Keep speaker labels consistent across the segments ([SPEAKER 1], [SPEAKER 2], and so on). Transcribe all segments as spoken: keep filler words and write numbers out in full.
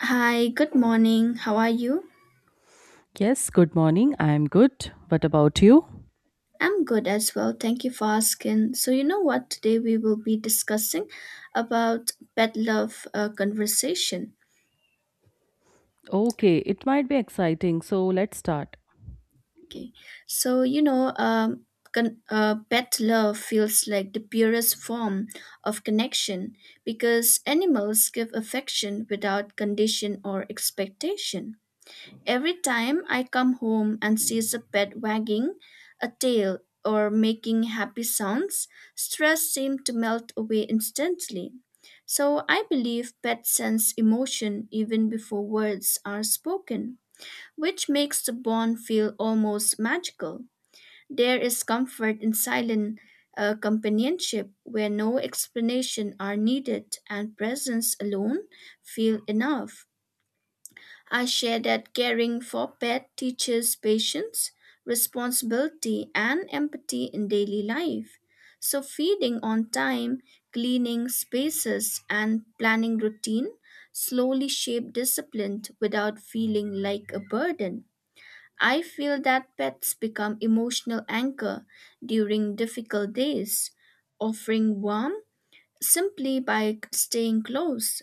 [SPEAKER 1] Hi, good morning. How are you?
[SPEAKER 2] Yes, good morning. I'm good. What about you?
[SPEAKER 1] I'm good as well. Thank you for asking. So, you know what? Today we will be discussing about pet love uh, conversation.
[SPEAKER 2] Okay, it might be exciting, so let's start.
[SPEAKER 1] Okay. So, you know, um, con- uh, pet love feels like the purest form of connection because animals give affection without condition or expectation. Every time I come home and sees a pet wagging a tail or making happy sounds, stress seems to melt away instantly. So I believe pets sense emotion even before words are spoken, which makes the bond feel almost magical. There is comfort in silent uh, companionship where no explanation are needed and presence alone feel enough. I share that caring for pets teaches patience, responsibility, and empathy in daily life. So feeding on time, cleaning spaces, and planning routine slowly shape discipline without feeling like a burden. I feel that pets become emotional anchor during difficult days, offering warmth simply by staying close.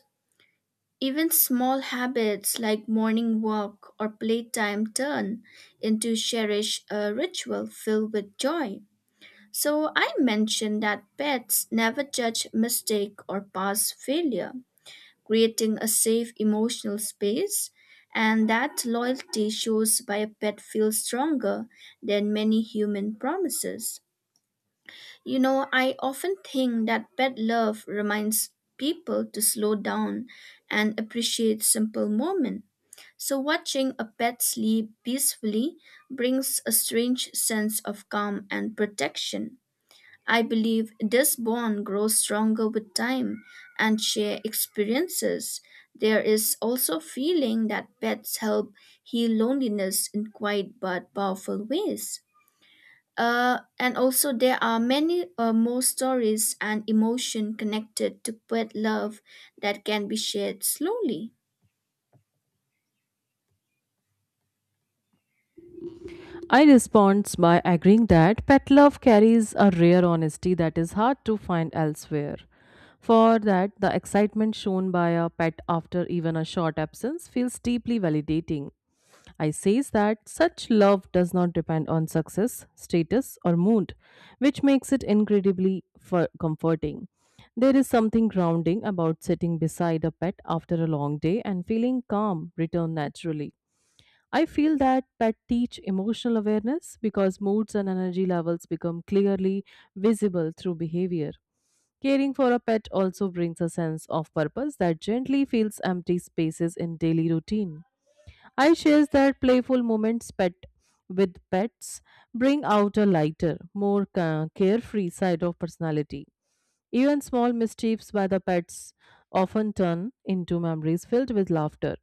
[SPEAKER 1] Even small habits like morning walk or playtime turn into cherished uh, ritual filled with joy. So I mentioned that pets never judge mistake or past failure, creating a safe emotional space, and that loyalty shows by a pet feels stronger than many human promises. You know, I often think that pet love reminds people to slow down and appreciate simple moments. So, watching a pet sleep peacefully brings a strange sense of calm and protection. I believe this bond grows stronger with time and shared experiences. There is also feeling that pets help heal loneliness in quiet but powerful ways. Uh, and also, there are many uh, more stories and emotion connected to pet love that can be shared slowly.
[SPEAKER 2] I respond by agreeing that pet love carries a rare honesty that is hard to find elsewhere. For that, the excitement shown by a pet after even a short absence feels deeply validating. I says that such love does not depend on success, status, or mood, which makes it incredibly for- comforting. There is something grounding about sitting beside a pet after a long day and feeling calm return naturally. I feel that pets teach emotional awareness because moods and energy levels become clearly visible through behavior. Caring for a pet also brings a sense of purpose that gently fills empty spaces in daily routine. I shares that playful moments pet with pets bring out a lighter, more ca- carefree side of personality. Even small mischiefs by the pets often turn into memories filled with laughter.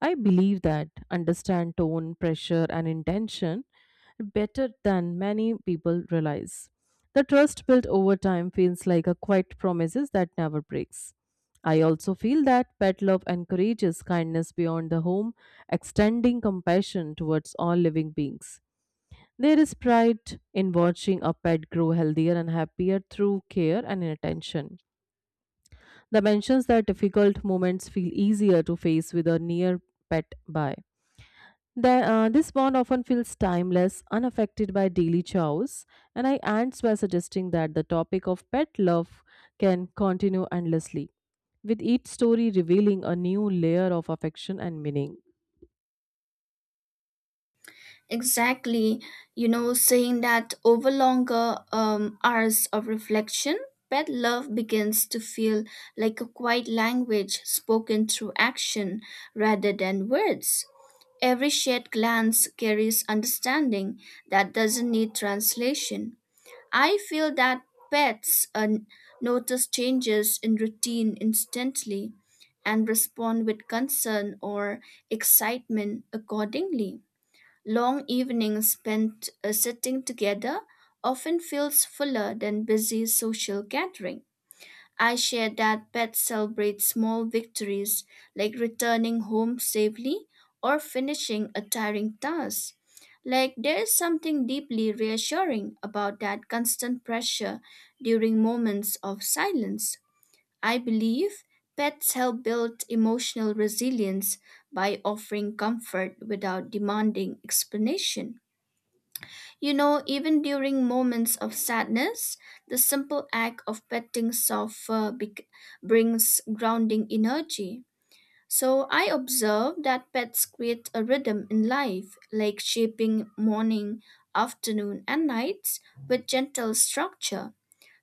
[SPEAKER 2] I believe that understand tone, pressure, and intention better than many people realize. The trust built over time feels like a quiet promises that never breaks. I also feel that pet love encourages kindness beyond the home, extending compassion towards all living beings. There is pride in watching a pet grow healthier and happier through care and attention. The mentions that difficult moments feel easier to face with a near pet by. The- uh, this bond often feels timeless, unaffected by daily chores, and I ends by suggesting that the topic of pet love can continue endlessly, with each story revealing a new layer of affection and meaning.
[SPEAKER 1] Exactly, you know, saying that over longer um, hours of reflection, pet love begins to feel like a quiet language spoken through action rather than words. Every shared glance carries understanding that doesn't need translation. I feel that pets uh, notice changes in routine instantly and respond with concern or excitement accordingly. Long evenings spent uh, sitting together often feels fuller than busy social gathering. I share that pets celebrate small victories like returning home safely or finishing a tiring task. Like there is something deeply reassuring about that constant pressure during moments of silence. I believe pets help build emotional resilience by offering comfort without demanding explanation. You know, even during moments of sadness, the simple act of petting soft fur bec- brings grounding energy. So I observe that pets create a rhythm in life, like shaping morning, afternoon, and nights with gentle structure.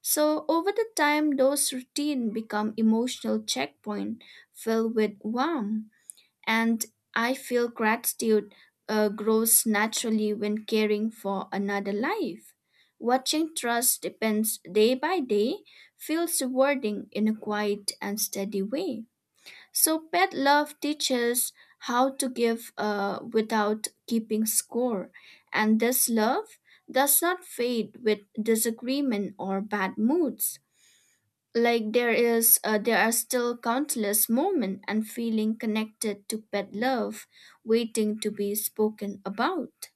[SPEAKER 1] So over the time, those routine become emotional checkpoint filled with warmth, and I feel gratitude uh, grows naturally when caring for another life. Watching trust depends day by day feels rewarding in a quiet and steady way. So, pet love teaches how to give uh, without keeping score, and this love does not fade with disagreement or bad moods like there is uh, there are still countless moments and feeling connected to pet love waiting to be spoken about.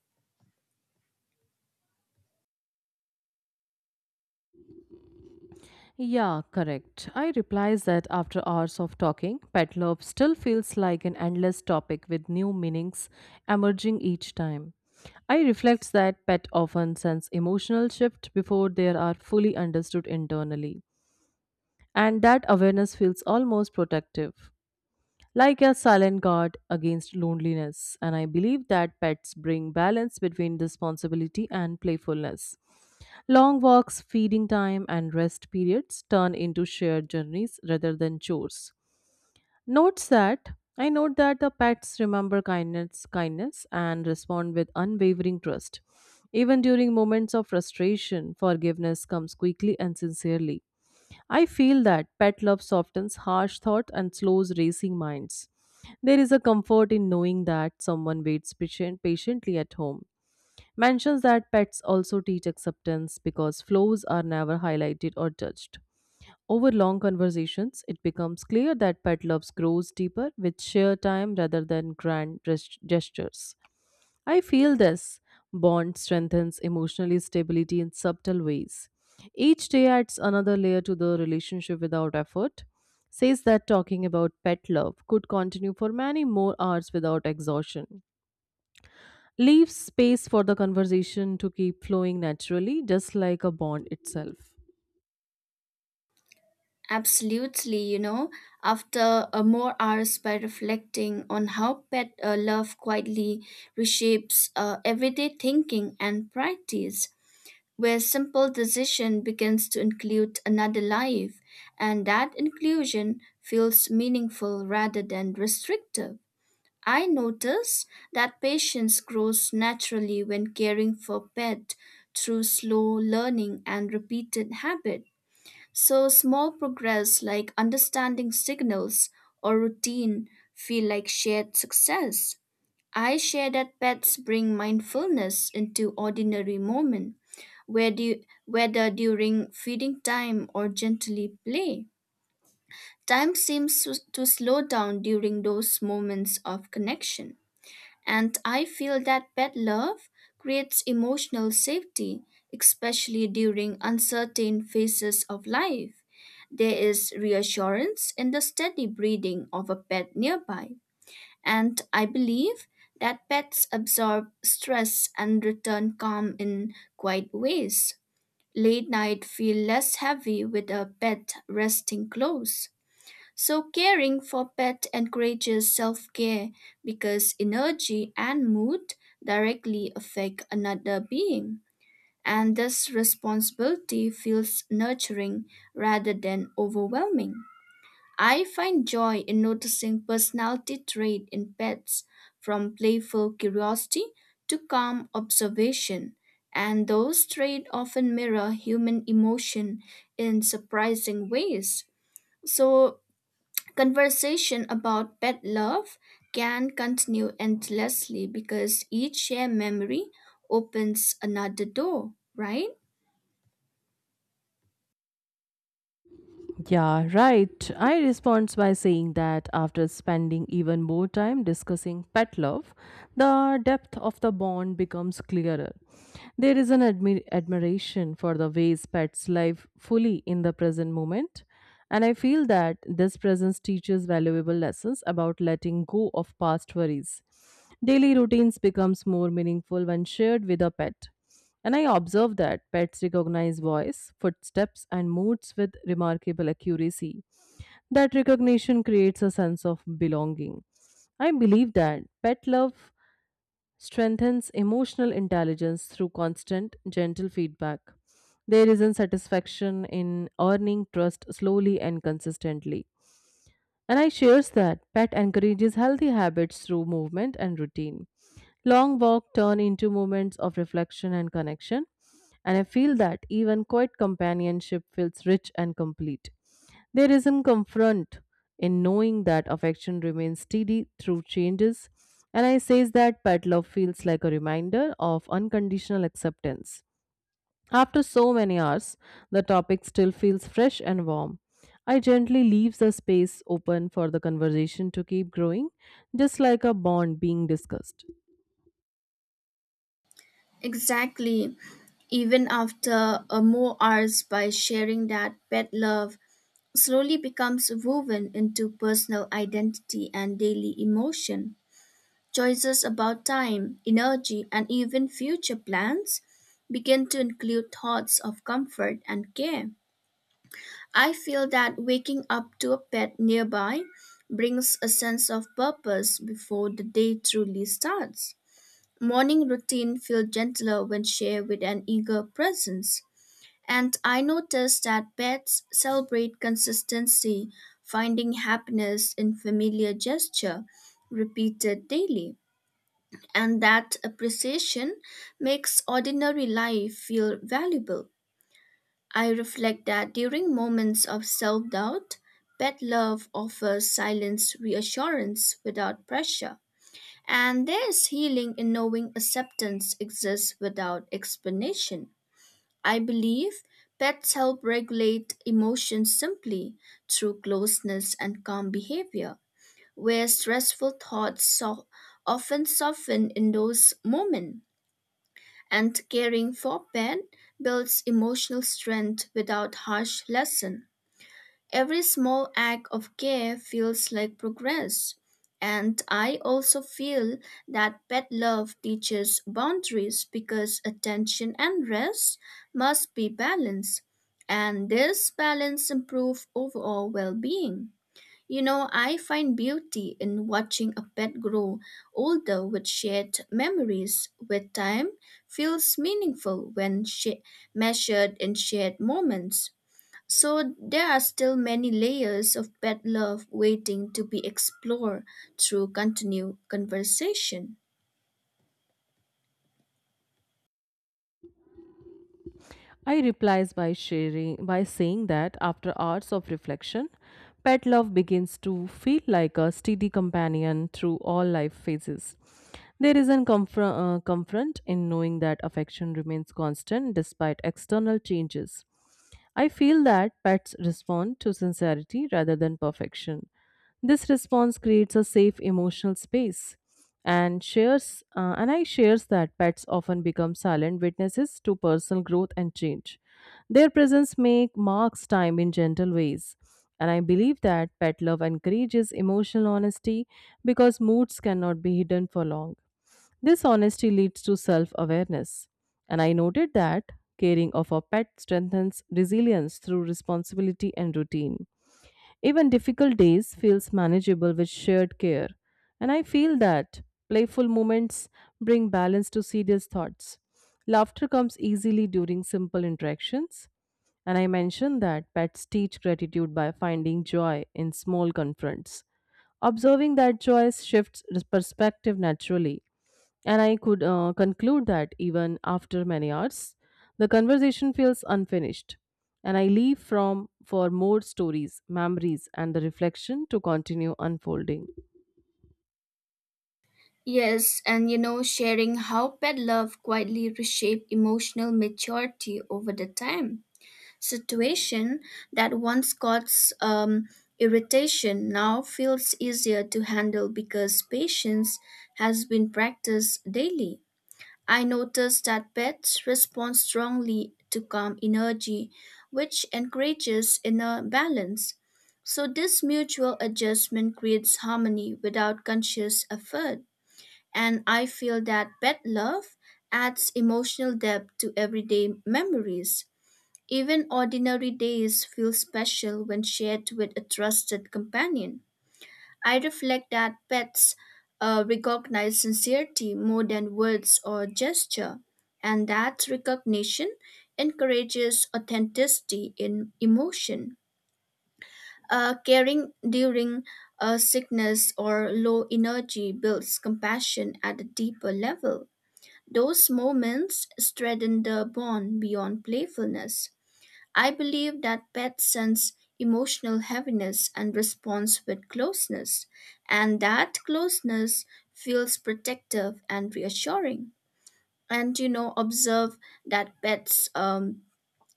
[SPEAKER 2] Yeah, correct. I replies that after hours of talking, pet love still feels like an endless topic with new meanings emerging each time. I reflects that pet often sense emotional shift before they are fully understood internally, and that awareness feels almost protective, like a silent guard against loneliness. And I believe that pets bring balance between responsibility and playfulness. Long walks, feeding time, and rest periods turn into shared journeys rather than chores. Notes that I note that the pets remember kindness, kindness, and respond with unwavering trust. Even during moments of frustration, forgiveness comes quickly and sincerely. I feel that pet love softens harsh thought and slows racing minds. There is a comfort in knowing that someone waits patient, patiently at home mentions that pets also teach acceptance because flaws are never highlighted or judged. Over long conversations, it becomes clear that pet love grows deeper with sheer time rather than grand gest- gestures. I feel this bond strengthens emotional stability in subtle ways. Each day adds another layer to the relationship without effort. Says that talking about pet love could continue for many more hours without exhaustion. Leave space for the conversation to keep flowing naturally, just like a bond itself.
[SPEAKER 1] Absolutely, you know, after uh, more hours by reflecting on how pet uh, love quietly reshapes uh, everyday thinking and practice where simple decision begins to include another life and that inclusion feels meaningful rather than restrictive. I notice that patience grows naturally when caring for pet through slow learning and repeated habit. So small progress like understanding signals or routine feel like shared success. I share that pets bring mindfulness into ordinary moment, whether whether during feeding time or gently play. Time seems to to slow down during those moments of connection. And I feel that pet love creates emotional safety, especially during uncertain phases of life. There is reassurance in the steady breathing of a pet nearby. And I believe that pets absorb stress and return calm in quiet ways. Late night feel less heavy with a pet resting close. So caring for pet encourages self-care because energy and mood directly affect another being, and this responsibility feels nurturing rather than overwhelming. I find joy in noticing personality trait in pets, from playful curiosity to calm observation, and those traits often mirror human emotion in surprising ways. So conversation about pet love can continue endlessly because each shared memory opens another door, right?
[SPEAKER 2] Yeah, right. I respond by saying that after spending even more time discussing pet love, the depth of the bond becomes clearer. There is an admi- admiration for the ways pets live fully in the present moment. And I feel that this presence teaches valuable lessons about letting go of past worries. Daily routines becomes more meaningful when shared with a pet. And I observe that pets recognize voice, footsteps, and moods with remarkable accuracy. That recognition creates a sense of belonging. I believe that pet love strengthens emotional intelligence through constant, gentle feedback. There is a satisfaction in earning trust slowly and consistently. And I shares that pet encourages healthy habits through movement and routine. Long walk turn into moments of reflection and connection, and I feel that even quiet companionship feels rich and complete. There isn't confront in knowing that affection remains steady through changes, and I says that pet love feels like a reminder of unconditional acceptance. After so many hours, the topic still feels fresh and warm. I gently leave the space open for the conversation to keep growing, just like a bond being discussed.
[SPEAKER 1] Exactly. Even after a more hours by sharing that pet love slowly becomes woven into personal identity and daily emotion. Choices about time, energy, and even future plans begin to include thoughts of comfort and care. I feel that waking up to a pet nearby brings a sense of purpose before the day truly starts. Morning routine feel gentler when shared with an eager presence. And I notice that pets celebrate consistency, finding happiness in familiar gesture repeated daily. And that appreciation makes ordinary life feel valuable. I reflect that during moments of self doubt, pet love offers silent reassurance without pressure. And there's healing in knowing acceptance exists without explanation. I believe pets help regulate emotions simply through closeness and calm behavior, where stressful thoughts so- often soften in those moments, and caring for pet builds emotional strength without harsh lesson. Every small act of care feels like progress. And I also feel that pet love teaches boundaries because attention and rest must be balanced. And this balance improves overall well being. You know, I find beauty in watching a pet grow older with shared memories with time feels meaningful when sh- measured in shared moments. So there are still many layers of pet love waiting to be explored through continued conversation.
[SPEAKER 2] I replies by sharing by saying that after hours of reflection, pet love begins to feel like a steady companion through all life phases. There is a comfor- uh, comfort in knowing that affection remains constant despite external changes. I feel that pets respond to sincerity rather than perfection. This response creates a safe emotional space and shares uh, and I shares that pets often become silent witnesses to personal growth and change. Their presence make marks time in gentle ways. And I believe that pet love encourages emotional honesty because moods cannot be hidden for long. This honesty leads to self awareness. And I noted that caring of a pet strengthens resilience through responsibility and routine. Even difficult days feels manageable with shared care. And I feel that playful moments bring balance to serious thoughts. Laughter comes easily during simple interactions. And I mentioned that pets teach gratitude by finding joy in small confronts. Observing that joy shifts perspective naturally, and I could uh, conclude that even after many hours, the conversation feels unfinished. And I leave from for more stories, memories, and the reflection to continue unfolding.
[SPEAKER 1] Yes, and you know, sharing how pet love quietly reshape emotional maturity over the time. Situation that once caused um, irritation now feels easier to handle because patience has been practiced daily. I noticed that pets respond strongly to calm energy, which encourages inner balance. So, this mutual adjustment creates harmony without conscious effort. And I feel that pet love adds emotional depth to everyday memories. Even ordinary days feel special when shared with a trusted companion. I reflect that pets uh, recognize sincerity more than words or gesture, and that recognition encourages authenticity in emotion. Uh, caring during uh, sickness or low energy builds compassion at a deeper level. Those moments strengthen the bond beyond playfulness. I believe that pets sense emotional heaviness and response with closeness, and that closeness feels protective and reassuring. And you know, observe that pets um,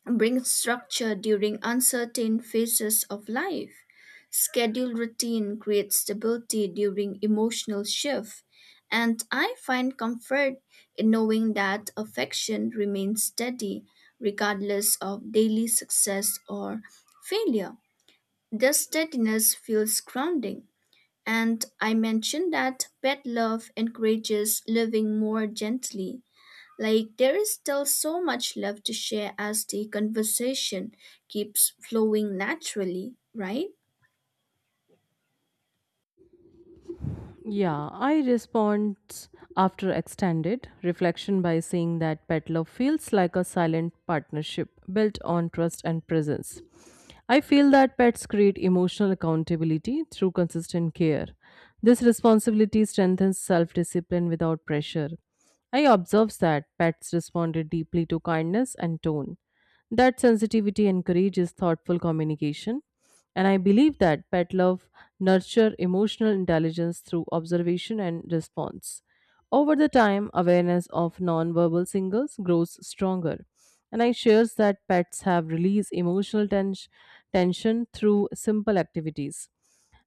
[SPEAKER 1] bring structure during uncertain phases of life. Schedule routine creates stability during emotional shift, and I find comfort in knowing that affection remains steady regardless of daily success or failure. This steadiness feels grounding, and I mentioned that pet love encourages living more gently like there is still so much left to share as the conversation keeps flowing naturally, right?
[SPEAKER 2] Yeah, I respond after extended reflection by saying that pet love feels like a silent partnership built on trust and presence. I feel that pets create emotional accountability through consistent care. This responsibility strengthens self discipline without pressure. I observed that pets responded deeply to kindness and tone. That sensitivity encourages thoughtful communication, and I believe that pet love nurture emotional intelligence through observation and response. Over the time, awareness of nonverbal signals grows stronger, and I shares that pets have released emotional tens- tension through simple activities.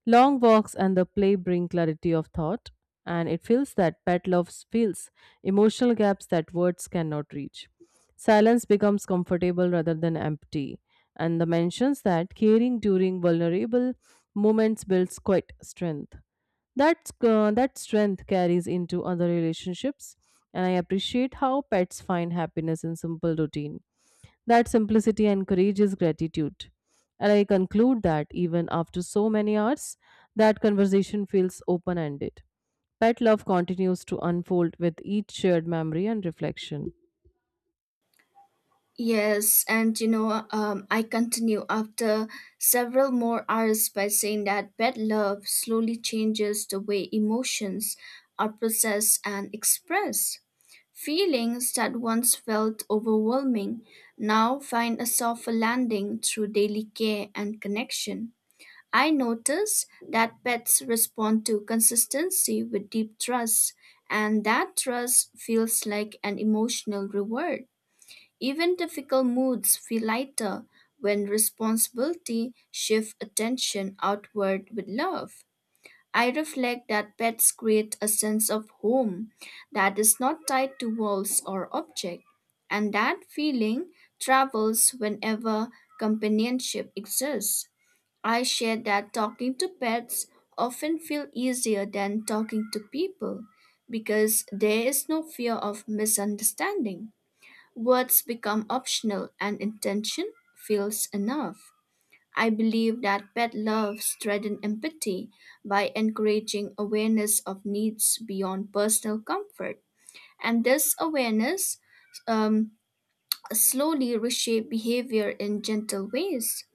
[SPEAKER 2] Long walks and the play bring clarity of thought, and it feels that pet love fills emotional gaps that words cannot reach. Silence becomes comfortable rather than empty, and the mentions that caring during vulnerable moments builds quite strength. That, uh, that strength carries into other relationships, and I appreciate how pets find happiness in simple routine. That simplicity encourages gratitude. And I conclude that even after so many hours, that conversation feels open ended. Pet love continues to unfold with each shared memory and reflection.
[SPEAKER 1] Yes, and you know, um, I continue after several more hours by saying that bad love slowly changes the way emotions are processed and expressed. Feelings that once felt overwhelming now find a softer landing through daily care and connection. I noticed that pets respond to consistency with deep trust, and that trust feels like an emotional reward. Even difficult moods feel lighter when responsibility shifts attention outward with love. I reflect that pets create a sense of home that is not tied to walls or object, and that feeling travels whenever companionship exists. I share that talking to pets often feel easier than talking to people because there is no fear of misunderstanding. Words become optional and intention feels enough. I believe that pet love strengthens empathy by encouraging awareness of needs beyond personal comfort. And this awareness um, slowly reshape behavior in gentle ways.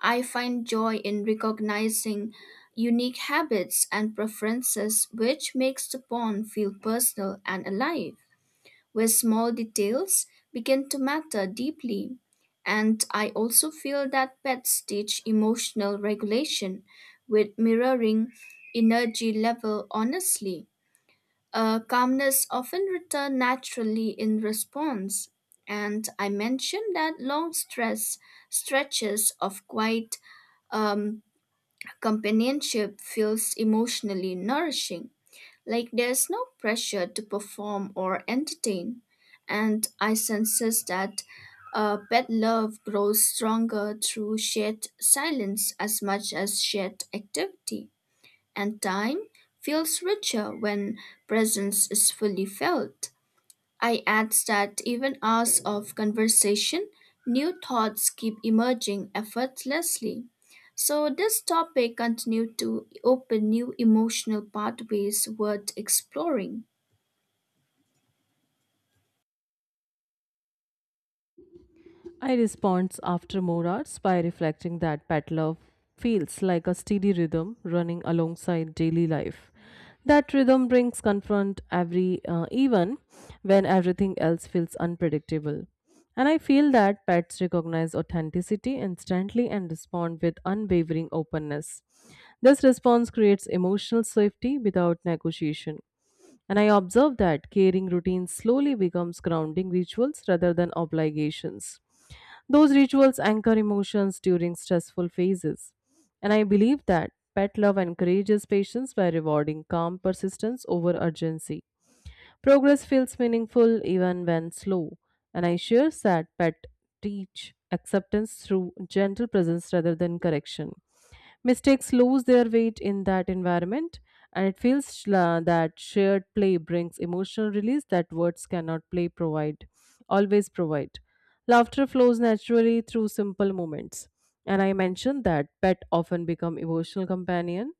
[SPEAKER 1] I find joy in recognizing unique habits and preferences, which makes the pond feel personal and alive, where small details begin to matter deeply. And I also feel that pets teach emotional regulation with mirroring energy level honestly. Uh, calmness often returned naturally in response, and I mentioned that long stress stretches of quiet um, companionship feels emotionally nourishing. Like there's no pressure to perform or entertain, and I senses that uh, pet love grows stronger through shared silence as much as shared activity. And time feels richer when presence is fully felt. I add that even hours of conversation, new thoughts keep emerging effortlessly. So this topic continued to open new emotional pathways worth exploring.
[SPEAKER 2] I respond after more hours by reflecting that Patla feels like a steady rhythm running alongside daily life. That rhythm brings confront every uh, even when everything else feels unpredictable. And I feel that pets recognize authenticity instantly and respond with unwavering openness. This response creates emotional safety without negotiation. And I observe that caring routines slowly becomes grounding rituals rather than obligations. Those rituals anchor emotions during stressful phases. And I believe that pet love encourages patience by rewarding calm persistence over urgency. Progress feels meaningful even when slow. And I share that pet teach acceptance through gentle presence rather than correction. Mistakes lose their weight in that environment, and it feels sh- la- that shared play brings emotional release that words cannot play provide, always provide. Laughter flows naturally through simple moments. And I mentioned that pet often become emotional companion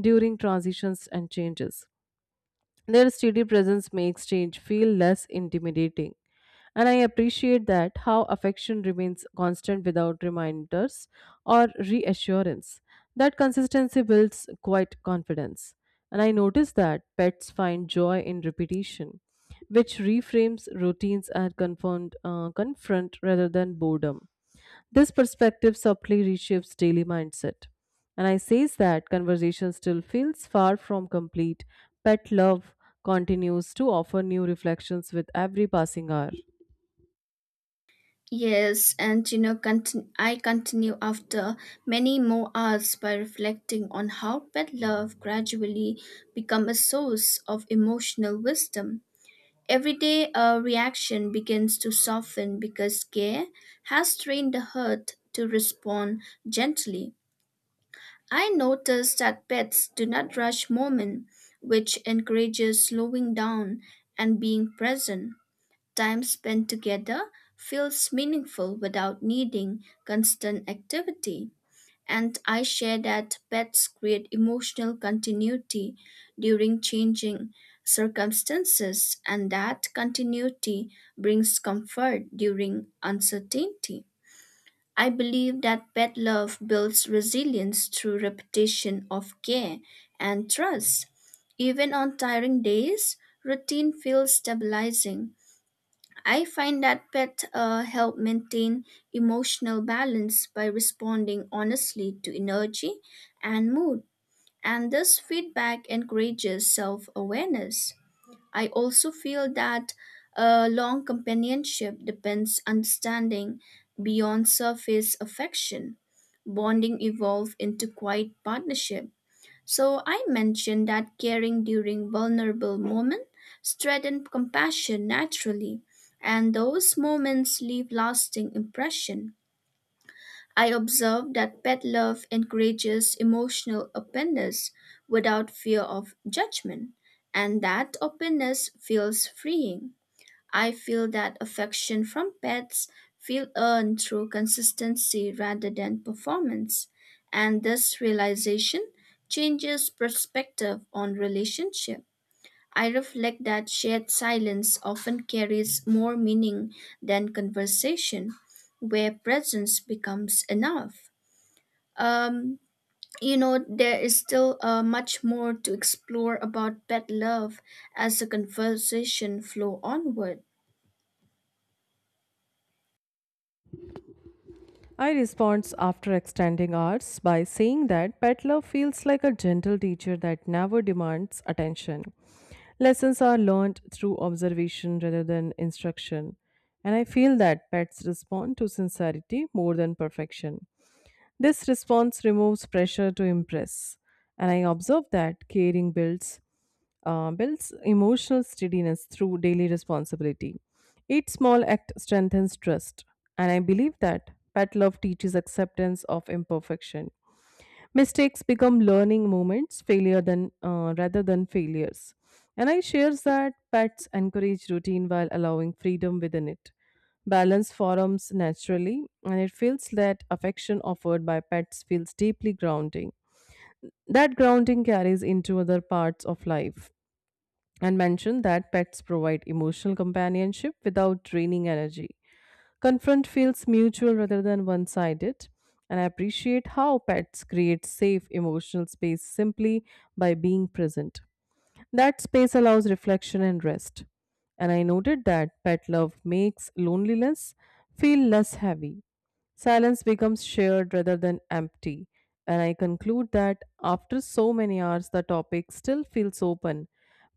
[SPEAKER 2] during transitions and changes. Their steady presence makes change feel less intimidating. And I appreciate that how affection remains constant without reminders or reassurance. That consistency builds quite confidence. And I notice that pets find joy in repetition, which reframes routines and confront, uh, confront rather than boredom. This perspective subtly reshapes daily mindset. And I says that conversation still feels far from complete. Pet love continues to offer new reflections with every passing hour.
[SPEAKER 1] Yes, and you know, contin- I continue after many more hours by reflecting on how pet love gradually become a source of emotional wisdom. Everyday a reaction begins to soften because care has trained the heart to respond gently. I notice that pets do not rush moment, which encourages slowing down and being present. Time spent together feels meaningful without needing constant activity, and I share that pets create emotional continuity during changing circumstances, and that continuity brings comfort during uncertainty. I believe that pet love builds resilience through repetition of care and trust. Even on tiring days, routine feels stabilizing. I find that pets uh, help maintain emotional balance by responding honestly to energy and mood, and this feedback encourages self awareness. I also feel that a long companionship depends understanding beyond surface affection. Bonding evolve into quiet partnership, so I mentioned that caring during vulnerable moments strengthens compassion naturally, and those moments leave lasting impression. I observed that pet love encourages emotional openness without fear of judgment, and that openness feels freeing. I feel that affection from pets feel earned through consistency rather than performance, and this realization changes perspective on relationship. I reflect that shared silence often carries more meaning than conversation, where presence becomes enough. Um, you know, there is still uh, much more to explore about pet love as the conversation flow onward.
[SPEAKER 2] I respond after extending hours by saying that pet love feels like a gentle teacher that never demands attention. Lessons are learned through observation rather than instruction. And I feel that pets respond to sincerity more than perfection. This response removes pressure to impress, and I observe that caring builds uh, builds emotional steadiness through daily responsibility. Each small act strengthens trust, and I believe that pet love teaches acceptance of imperfection, mistakes become learning moments failure than uh, rather than failures. And I shares that pets encourage routine while allowing freedom within it. Balance forms naturally, and it feels that affection offered by pets feels deeply grounding. That grounding carries into other parts of life, and mentioned that pets provide emotional companionship without draining energy. Confront feels mutual rather than one sided, and I appreciate how pets create safe emotional space simply by being present. That space allows reflection and rest. And I noted that pet love makes loneliness feel less heavy. Silence becomes shared rather than empty. And I conclude that after so many hours, the topic still feels open.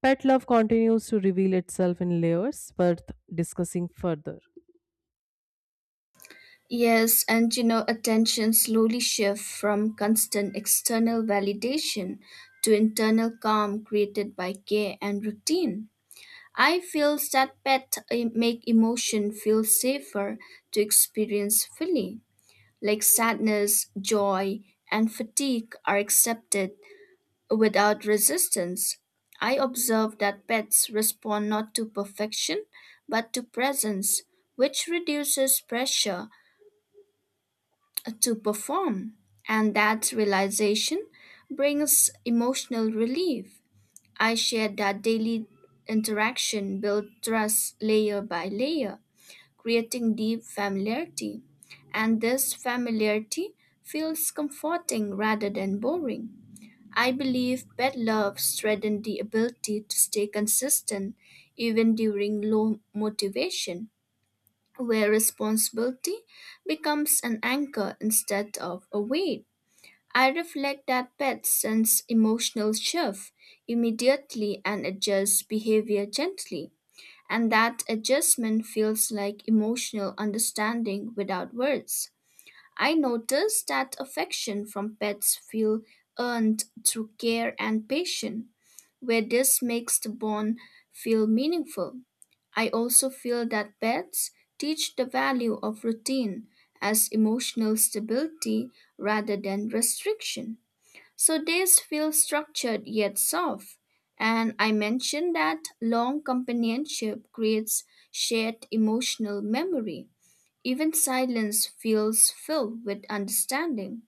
[SPEAKER 2] Pet love continues to reveal itself in layers worth discussing further.
[SPEAKER 1] Yes, and you know, attention slowly shifts from constant external validation to internal calm created by care and routine. I feel that pet eh, make emotion feel safer to experience fully, like sadness, joy, and fatigue are accepted without resistance. I observe that pets respond not to perfection, but to presence, which reduces pressure to perform. And that realization brings emotional relief. I share that daily interaction builds trust layer by layer, creating deep familiarity. And this familiarity feels comforting rather than boring. I believe pet love strengthens the ability to stay consistent even during low motivation where responsibility becomes an anchor instead of a weight. I reflect that pets sense emotional shift immediately and adjust behavior gently, and that adjustment feels like emotional understanding without words. I noticed that affection from pets feel earned through care and patience, where this makes the bond feel meaningful. I also feel that pets teach the value of routine as emotional stability rather than restriction. So days feel structured yet soft. And I mentioned that long companionship creates shared emotional memory, even silence feels filled with understanding.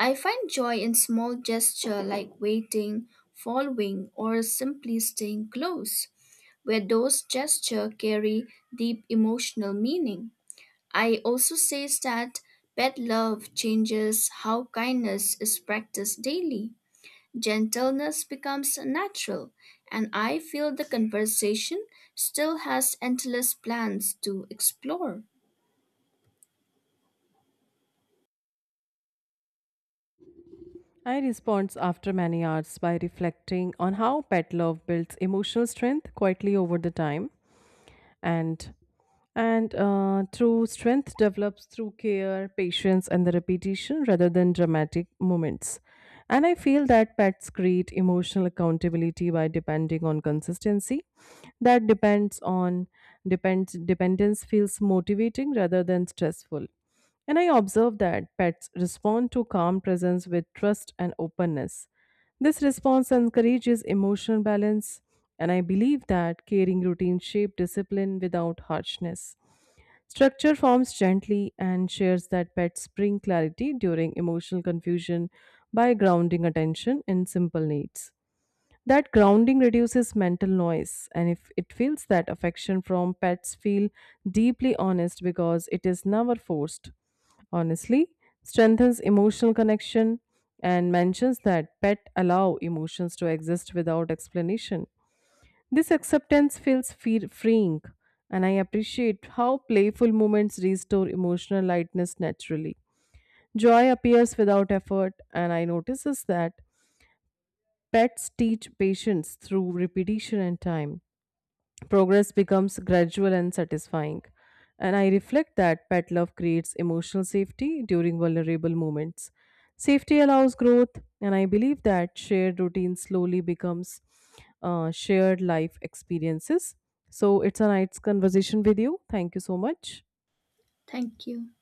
[SPEAKER 1] I find joy in small gestures like waiting, following, or simply staying close, where those gestures carry deep emotional meaning. I also say that pet love changes how kindness is practiced daily. Gentleness becomes natural, and I feel the conversation still has endless plans to explore.
[SPEAKER 2] I respond after many hours by reflecting on how pet love builds emotional strength quietly over the time, and and uh, through strength develops through care patience and the repetition rather than dramatic moments. And I feel that pets create emotional accountability by depending on consistency. That depends on depends dependence feels motivating rather than stressful, and I observe that pets respond to calm presence with trust and openness. This response encourages emotional balance, and I believe that caring routines shape discipline without harshness. Structure forms gently and shares that pets bring clarity during emotional confusion by grounding attention in simple needs. That grounding reduces mental noise, and if it feels that affection from pets feel deeply honest because it is never forced. Honestly, strengthens emotional connection and mentions that pet allow emotions to exist without explanation. This acceptance feels fe- freeing, and I appreciate how playful moments restore emotional lightness naturally. Joy appears without effort, and I notices that pets teach patience through repetition and time. Progress becomes gradual and satisfying. And I reflect that pet love creates emotional safety during vulnerable moments. Safety allows growth, and I believe that shared routine slowly becomes uh, shared life experiences. So it's a nice conversation with you. Thank you so much.
[SPEAKER 1] Thank you.